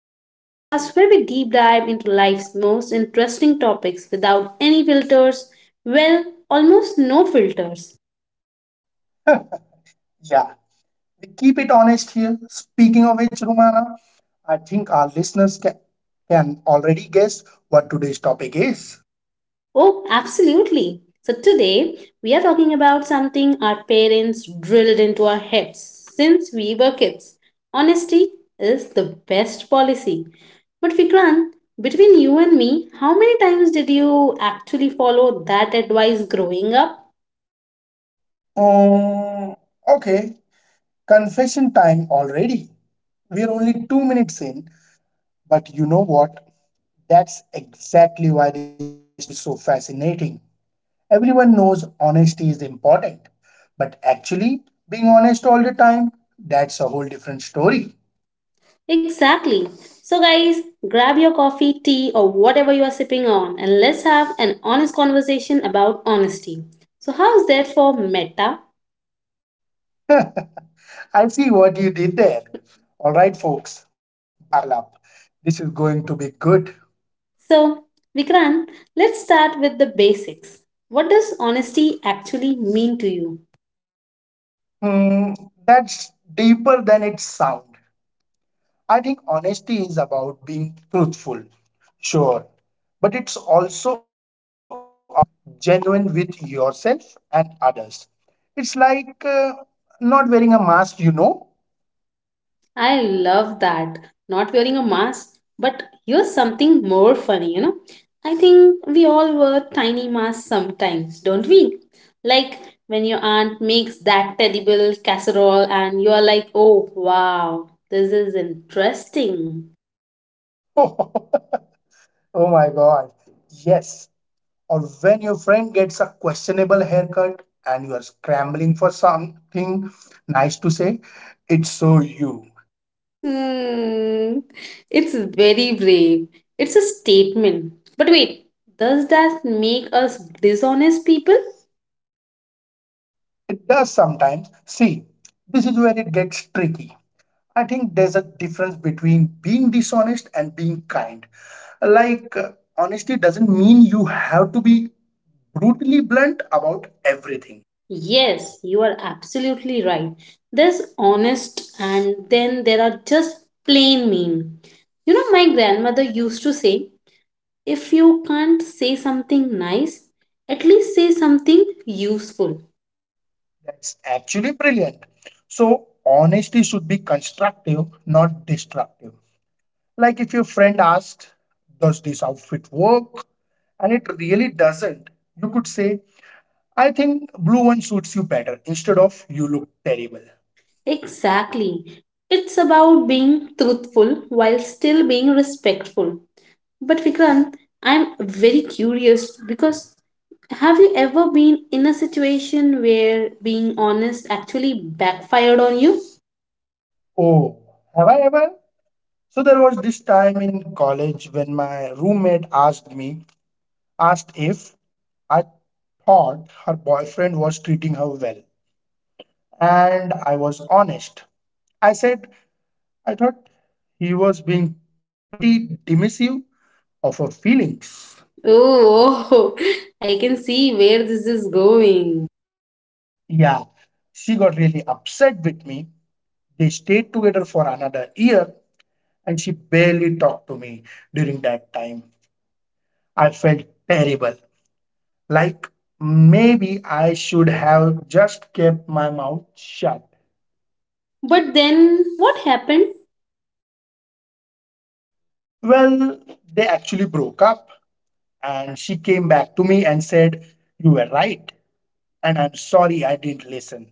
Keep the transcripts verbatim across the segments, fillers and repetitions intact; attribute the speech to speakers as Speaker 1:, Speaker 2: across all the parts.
Speaker 1: So, the podcast where we deep dive into life's most interesting topics without any filters. Well, almost no filters.
Speaker 2: Yeah, we keep it honest here. Speaking of which, Rumana, I think our listeners can, can already guess what today's topic is.
Speaker 1: Oh, absolutely. So, today we are talking about something our parents drilled into our heads since we were kids. Honesty is the best policy. But, Vikrant, between you and me, how many times did you actually follow that advice growing up?
Speaker 2: Um, okay, confession time already. We're only two minutes in, but you know what? That's exactly why this topic is so fascinating. Everyone knows honesty is important, but actually, being honest all the time, that's a whole different story.
Speaker 1: Exactly. So, guys, grab your coffee, tea, or whatever you are sipping on, and let's have an honest conversation about honesty. So, how's that for meta?
Speaker 2: I see what you did there. All right, folks, buckle up. This is going to be good.
Speaker 1: So, Vikrant, let's start with the basics. What does honesty actually mean to you?
Speaker 2: Hmm, that's deeper than it sounds. I think honesty is about being truthful, sure, but it's also about being genuine with yourself and others. It's like uh, not wearing a mask, you know?
Speaker 1: I love that. Not wearing a mask, but here's something more funny, you know? I think we all wear tiny masks sometimes, don't we? Like when your aunt makes that terrible casserole and you are like, oh wow, this is interesting.
Speaker 2: Oh my God. Yes. Or when your friend gets a questionable haircut and you are scrambling for something nice to say, it's so you.
Speaker 1: Hmm, it's very brave. It's a statement. But wait, does that make us dishonest people?
Speaker 2: It does sometimes. See, this is where it gets tricky. I think there's a difference between being dishonest and being kind. Like, uh, honesty doesn't mean you have to be brutally blunt about everything.
Speaker 1: Yes, you are absolutely right. There's honest and then there are just plain mean. You know, my grandmother used to say, if you can't say something nice, at least say something useful.
Speaker 2: That's actually brilliant. So, honesty should be constructive, not destructive. Like if your friend asked, "Does this outfit work?" and it really doesn't, you could say, "I think blue one suits you better," instead of, "You look terrible."
Speaker 1: Exactly. It's about being truthful while still being respectful. But Vikrant, I'm very curious because have you ever been in a situation where being honest actually backfired on you?
Speaker 2: Oh, have I ever? So there was this time in college when my roommate asked me, asked if I thought her boyfriend was treating her well. And I was honest. I said I thought he was being pretty dismissive of her feelings.
Speaker 1: Oh, I can see where this is going.
Speaker 2: Yeah, she got really upset with me. They stayed together for another year and she barely talked to me during that time. I felt terrible. Like maybe I should have just kept my mouth shut.
Speaker 1: But then what happened?
Speaker 2: Well, they actually broke up and she came back to me and said, "You were right. And I'm sorry I didn't listen."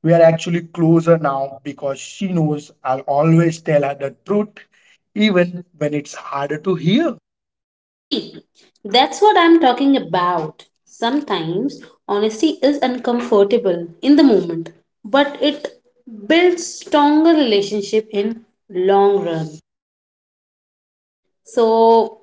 Speaker 2: We are actually closer now because she knows I'll always tell her the truth, even when it's harder to hear.
Speaker 1: See, that's what I'm talking about. Sometimes honesty is uncomfortable in the moment, but it builds stronger relationship in long run. So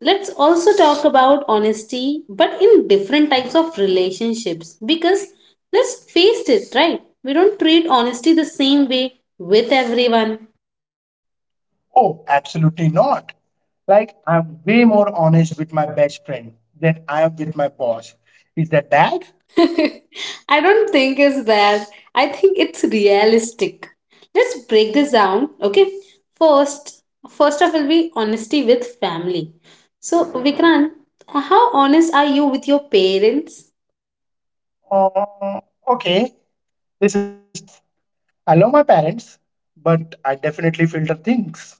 Speaker 1: let's also talk about honesty, but in different types of relationships. Because let's face it, right? We don't treat honesty the same way with everyone.
Speaker 2: Oh, absolutely not. Like, I'm way more honest with my best friend than I am with my boss. Is that bad?
Speaker 1: I don't think it's bad. I think it's realistic. Let's break this down, okay? First, first of all, we honesty with family. So, Vikrant, how honest are you with your parents?
Speaker 2: Uh, okay, this is tough. I love my parents, but I definitely filter things.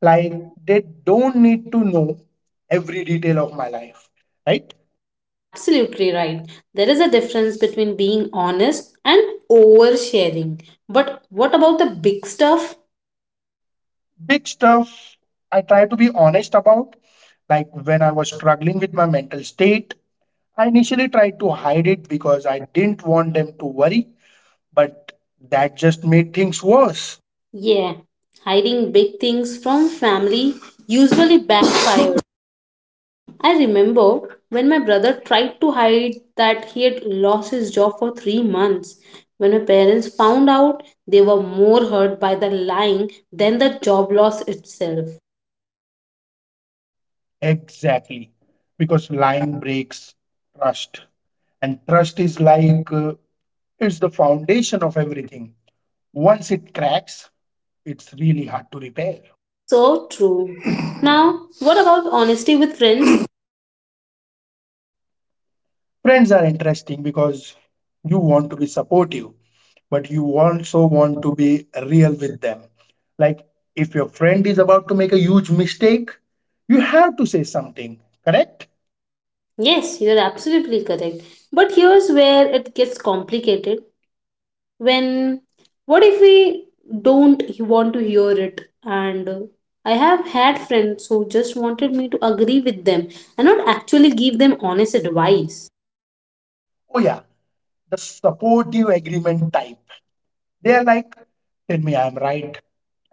Speaker 2: Like, they don't need to know every detail of my life, right?
Speaker 1: Absolutely right. There is a difference between being honest and oversharing. But what about the big stuff?
Speaker 2: Big stuff I try to be honest about, like when I was struggling with my mental state. I initially tried to hide it because I didn't want them to worry, but that just made things worse.
Speaker 1: Yeah, hiding big things from family usually backfires. I remember when my brother tried to hide that he had lost his job for three months. When my parents found out, they were more hurt by the lying than the job loss itself.
Speaker 2: Exactly. Because lying breaks trust. And trust is like uh, it's the foundation of everything. Once it cracks, it's really hard to repair.
Speaker 1: So true. Now, what about honesty with friends?
Speaker 2: Friends are interesting because you want to be supportive, but you also want to be real with them. Like if your friend is about to make a huge mistake, you have to say something, correct?
Speaker 1: Yes, you're absolutely correct. But here's where it gets complicated. When, what if we don't want to hear it? And uh, I have had friends who just wanted me to agree with them and not actually give them honest advice.
Speaker 2: Oh, yeah, the supportive agreement type. They are like, "Tell me I'm right,"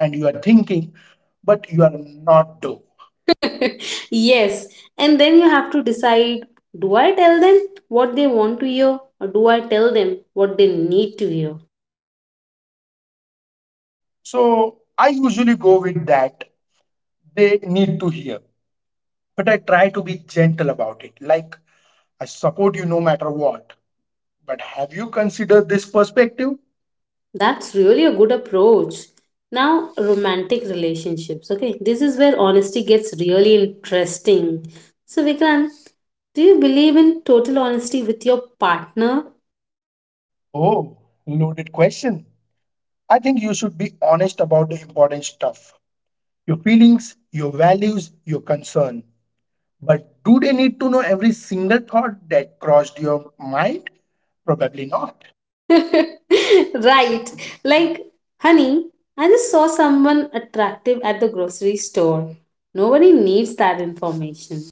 Speaker 2: and you are thinking, "But you are not though."
Speaker 1: Yes, and then you have to decide, do I tell them what they want to hear or do I tell them what they need to hear?
Speaker 2: So I usually go with that. They need to hear. But I try to be gentle about it. Like, "I support you no matter what. But have you considered this perspective?"
Speaker 1: That's really a good approach. Now, romantic relationships. Okay, this is where honesty gets really interesting. So, Vikrant, do you believe in total honesty with your partner?
Speaker 2: Oh, loaded question. I think you should be honest about the important stuff: your feelings, your values, your concern. But do they need to know every single thought that crossed your mind? Probably not.
Speaker 1: Right. Like, honey, I just saw someone attractive at the grocery store. Nobody needs that information.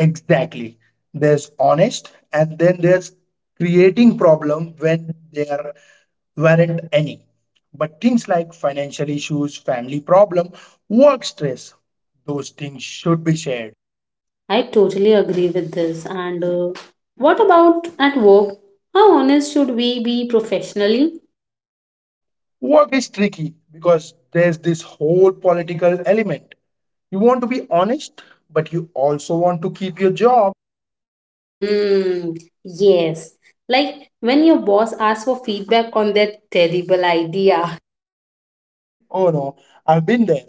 Speaker 2: Exactly. There's honest, and then there's creating problem when there weren't any. But things like financial issues, family problem, work stress, those things should be shared.
Speaker 1: I totally agree with this. And uh, What about at work? How honest should we be professionally?
Speaker 2: Work is tricky because there's this whole political element. You want to be honest, but you also want to keep your job.
Speaker 1: Mm, yes. Like when your boss asks for feedback on that terrible idea.
Speaker 2: Oh no, I've been there.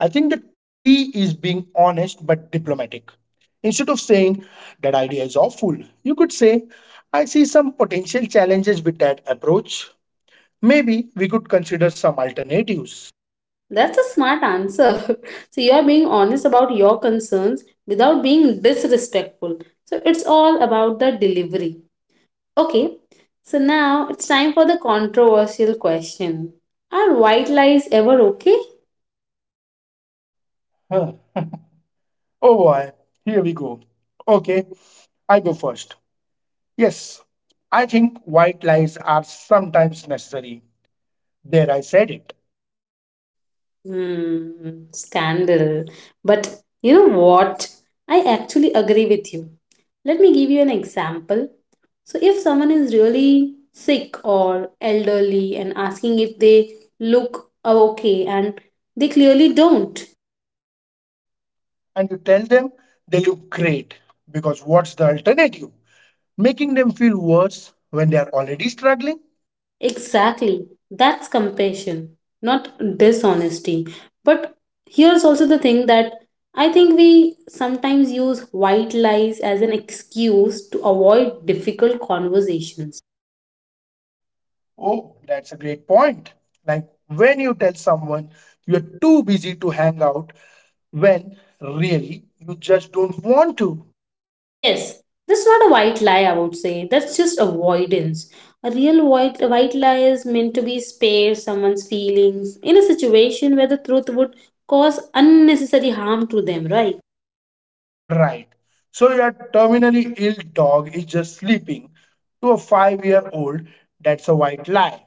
Speaker 2: I think the key is being honest but diplomatic. Instead of saying, "That idea is awful," you could say, "I see some potential challenges with that approach. Maybe we could consider some alternatives."
Speaker 1: That's a smart answer. So you are being honest about your concerns without being disrespectful. So it's all about the delivery. Okay. So now it's time for the controversial question. Are white lies ever okay?
Speaker 2: Huh. Oh boy, here we go. Okay, I go first. Yes, I think white lies are sometimes necessary. There, I said it.
Speaker 1: Hmm, scandal. But you know what? I actually agree with you. Let me give you an example. So, if someone is really sick or elderly and asking if they look okay and they clearly don't,
Speaker 2: And you tell them they look great because what's the alternative? Making them feel worse when they are already struggling?
Speaker 1: exactly, that's compassion, not dishonesty. But here's also the thing that I think we sometimes use white lies as an excuse to avoid difficult conversations.
Speaker 2: Oh, that's a great point. Like when you tell someone you're too busy to hang out when really you just don't want to.
Speaker 1: Yes, that's not a white lie, I would say. That's just avoidance. A real white, white lie is meant to be spare someone's feelings in a situation where the truth would cause unnecessary harm to them, right?
Speaker 2: Right. So, "Your terminally ill dog is just sleeping," to a five year old. That's a white lie.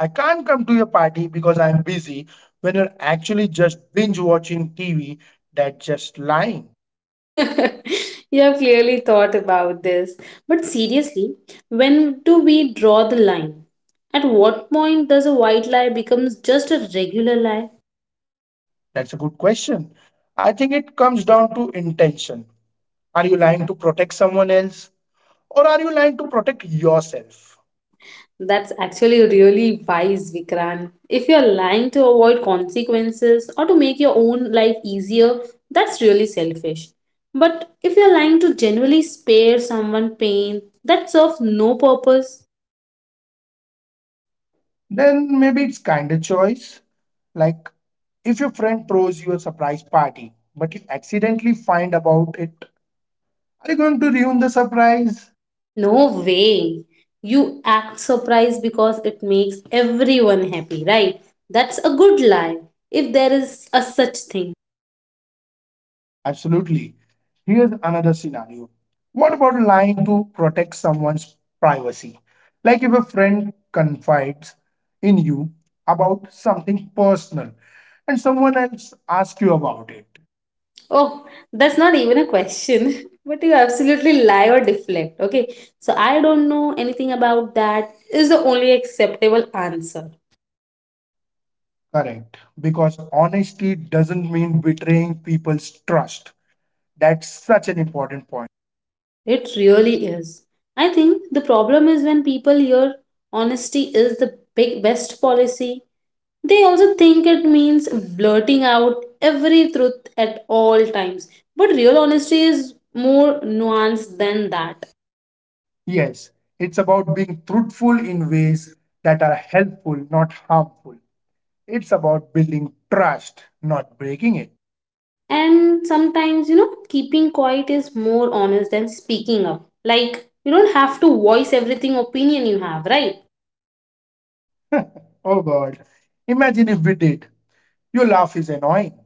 Speaker 2: "I can't come to your party because I'm busy," when you're actually just binge watching T V. That's just lying.
Speaker 1: You have clearly thought about this. But seriously, when do we draw the line? At what point does a white lie becomes just a regular lie?
Speaker 2: That's a good question. I think it comes down to intention. Are you lying to protect someone else or are you lying to protect yourself?
Speaker 1: That's actually really wise, Vikrant. If you're lying to avoid consequences or to make your own life easier, that's really selfish. But if you're lying to genuinely spare someone pain, that serves no purpose.
Speaker 2: Then maybe it's kind of choice. Like if your friend throws you a surprise party, but you accidentally find about it, are you going to ruin the surprise?
Speaker 1: No way. You act surprised because it makes everyone happy, right? That's a good lie, if there is a such thing.
Speaker 2: Absolutely. Here's another scenario. What about lying to protect someone's privacy? Like if a friend confides in you about something personal and someone else asks you about it.
Speaker 1: Oh, that's not even a question. But you absolutely lie or deflect. Okay. So, "I don't know anything about that" is the only acceptable answer.
Speaker 2: Correct. Because honesty doesn't mean betraying people's trust. That's such an important point.
Speaker 1: It really is. I think the problem is when people hear honesty is the big best policy, they also think it means blurting out every truth at all times. But real honesty is more nuanced than that.
Speaker 2: Yes, it's about being truthful in ways that are helpful, not harmful. It's about building trust, not breaking it.
Speaker 1: And sometimes, you know, keeping quiet is more honest than speaking up. Like, you don't have to voice everything opinion you have, right?
Speaker 2: Oh God. Imagine if we did. "Your laugh is annoying.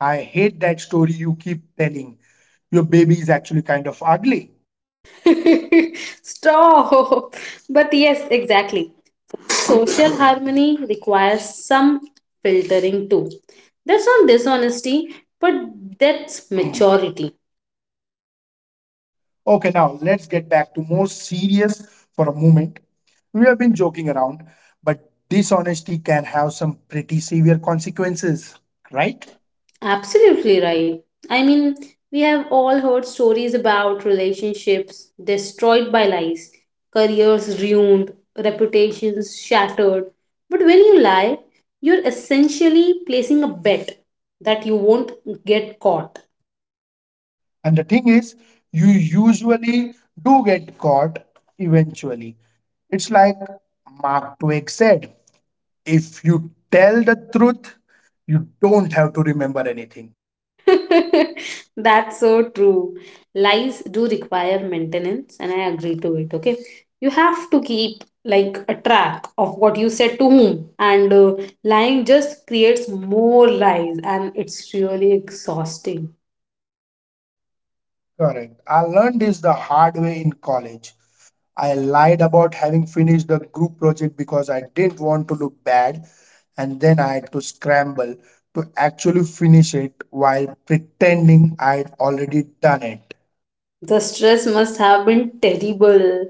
Speaker 2: I hate that story you keep telling. Your baby is actually kind of ugly."
Speaker 1: Stop. But yes, exactly, social harmony requires some filtering too. That's not dishonesty, but that's maturity.
Speaker 2: Okay, now let's get back to more serious for a moment. We have been joking around, but dishonesty can have some pretty severe consequences, right?
Speaker 1: Right? Absolutely right. I mean, we have all heard stories about relationships destroyed by lies, careers ruined, reputations shattered. But when you lie, you're essentially placing a bet that you won't get caught.
Speaker 2: And the thing is, you usually do get caught eventually. It's like Mark Twain said, "If you tell the truth, you don't have to remember anything."
Speaker 1: That's so true. Lies do require maintenance, and I agree to it. Okay, you have to keep like a track of what you said to whom, and uh, lying just creates more lies, and it's really exhausting.
Speaker 2: Correct. I learned this the hard way in college. I lied about having finished the group project because I didn't want to look bad, and then I had to scramble to actually finish it while pretending I had already done it.
Speaker 1: The stress must have been terrible.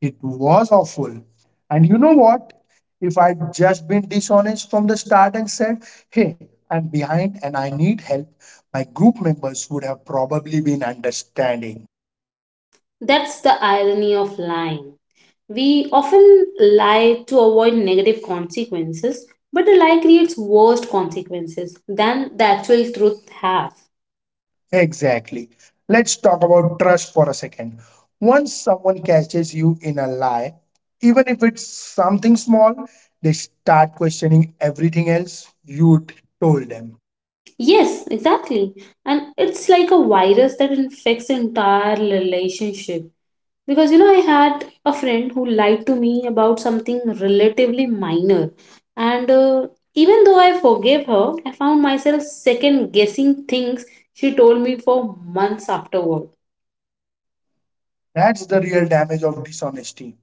Speaker 2: It was awful. And you know what? If I'd just been dishonest from the start and said, "Hey, I'm behind and I need help," my group members would have probably been understanding.
Speaker 1: That's the irony of lying. We often lie to avoid negative consequences, but a lie creates worse consequences than the actual truth have.
Speaker 2: Exactly. Let's talk about trust for a second. Once someone catches you in a lie, even if it's something small, they start questioning everything else you'd told them.
Speaker 1: Yes, exactly. And it's like a virus that infects the entire relationship. Because you know, I had a friend who lied to me about something relatively minor, and uh, even though I forgave her, I found myself second guessing things she told me for months afterward.
Speaker 2: That's the real damage of dishonesty.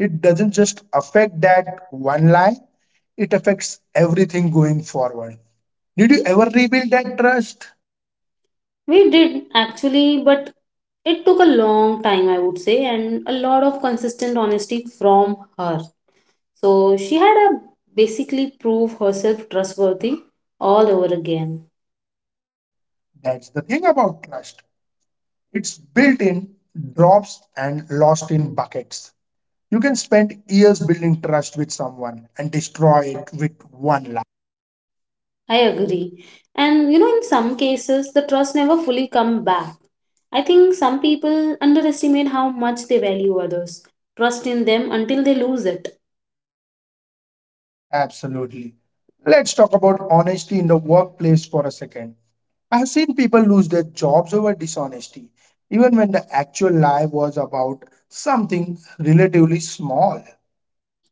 Speaker 2: It doesn't just affect that one lie, it affects everything going forward. Did you ever rebuild that trust?
Speaker 1: We did actually, but it took a long time, I would say, and a lot of consistent honesty from her. So she had a basically prove herself trustworthy all over again.
Speaker 2: That's the thing about trust. It's built in drops and lost in buckets. You can spend years building trust with someone and destroy it with one lie.
Speaker 1: I agree. And you know, in some cases, the trust never fully come back. I think some people underestimate how much they value others, trust in them until they lose it.
Speaker 2: Absolutely. Let's talk about honesty in the workplace for a second. I have seen people lose their jobs over dishonesty, even when the actual lie was about something relatively small.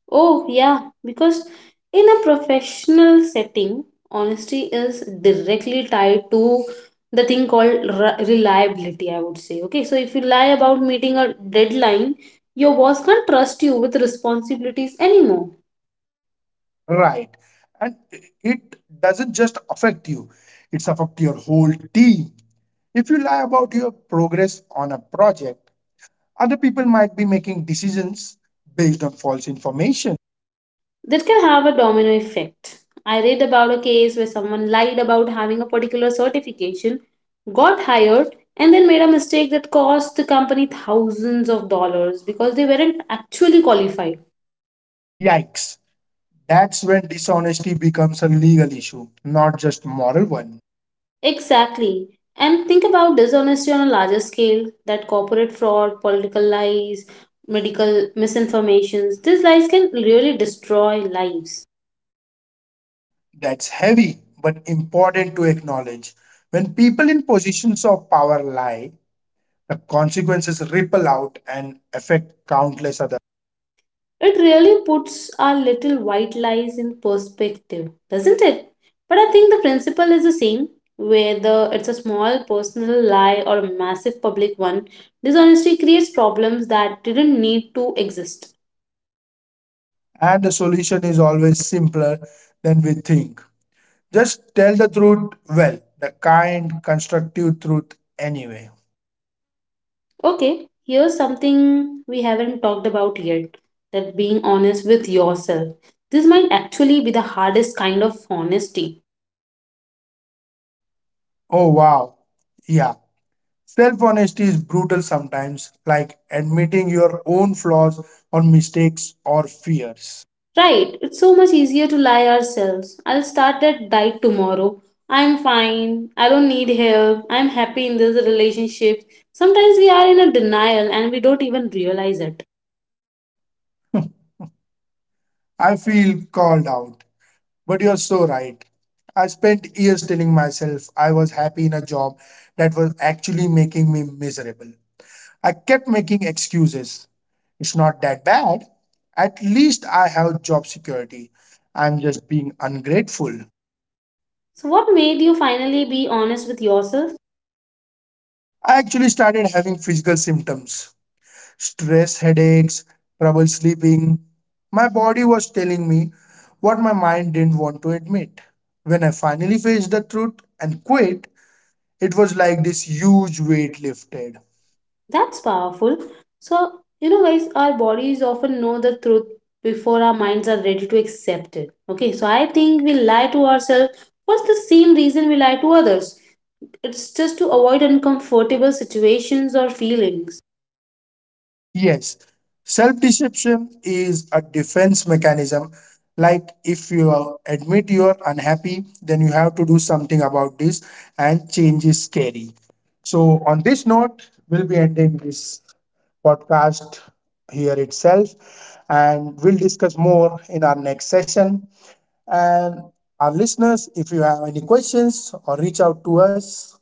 Speaker 1: Oh, yeah, because in a professional setting, honesty is directly tied to the thing called re- reliability, I would say. Okay, so if you lie about meeting a deadline, your boss can't trust you with responsibilities anymore.
Speaker 2: Right. And it doesn't just affect you, it's affect your whole team. If you lie about your progress on a project, other people might be making decisions based on false information.
Speaker 1: That can have a domino effect. I read about a case where someone lied about having a particular certification, got hired, and then made a mistake that cost the company thousands of dollars because they weren't actually qualified.
Speaker 2: Yikes. That's when dishonesty becomes a legal issue, not just moral one.
Speaker 1: Exactly. And think about dishonesty on a larger scale: that corporate fraud, political lies, medical misinformations. These lies can really destroy lives.
Speaker 2: That's heavy, but important to acknowledge. When people in positions of power lie, the consequences ripple out and affect countless others.
Speaker 1: It really puts our little white lies in perspective, doesn't it? But I think the principle is the same whether it's a small personal lie or a massive public one. Dishonesty creates problems that didn't need to exist.
Speaker 2: And the solution is always simpler than we think. Just tell the truth, well, the kind, constructive truth anyway.
Speaker 1: Okay, here's something we haven't talked about yet: that being honest with yourself. This might actually be the hardest kind of honesty.
Speaker 2: Oh, wow. Yeah. Self honesty is brutal sometimes, like admitting your own flaws or mistakes or fears.
Speaker 1: Right, it's so much easier to lie ourselves. I'll start that diet tomorrow. I'm fine. I don't need help. I'm happy in this relationship. Sometimes we are in a denial and we don't even realize it.
Speaker 2: I feel called out. But you're so right. I spent years telling myself I was happy in a job that was actually making me miserable. I kept making excuses. "It's not that bad. At least I have job security. I'm just being ungrateful."
Speaker 1: So, what made you finally be honest with yourself?
Speaker 2: I actually started having physical symptoms: stress, headaches, trouble sleeping. My body was telling me what my mind didn't want to admit. When I finally faced the truth and quit, it was like this huge weight lifted.
Speaker 1: That's powerful. So, you know, guys, our bodies often know the truth before our minds are ready to accept it. Okay, so I think we lie to ourselves for the same reason we lie to others. It's just to avoid uncomfortable situations or feelings.
Speaker 2: Yes, self deception is a defense mechanism. Like if you uh, admit you are unhappy, then you have to do something about this, and change is scary. So, on this note, we'll be ending this podcast here itself, and we'll discuss more in our next session. And our listeners, if you have any questions or reach out to us,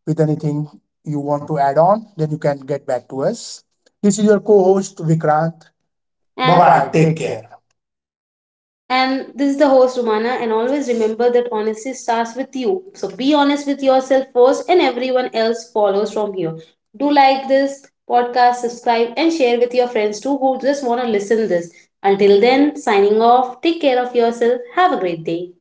Speaker 2: with anything you want to add on, then you can get back to us. This is your co host Vikrant.
Speaker 1: Bye. And
Speaker 2: Bye bye.
Speaker 1: bye. Take
Speaker 2: Take
Speaker 1: care.
Speaker 2: care.
Speaker 1: And this is the host, Romana. And always remember that honesty starts with you. So be honest with yourself first, and everyone else follows from here. Do like this podcast, subscribe, and share with your friends too who just want to listen this. Until then, signing off. Take care of yourself. Have a great day.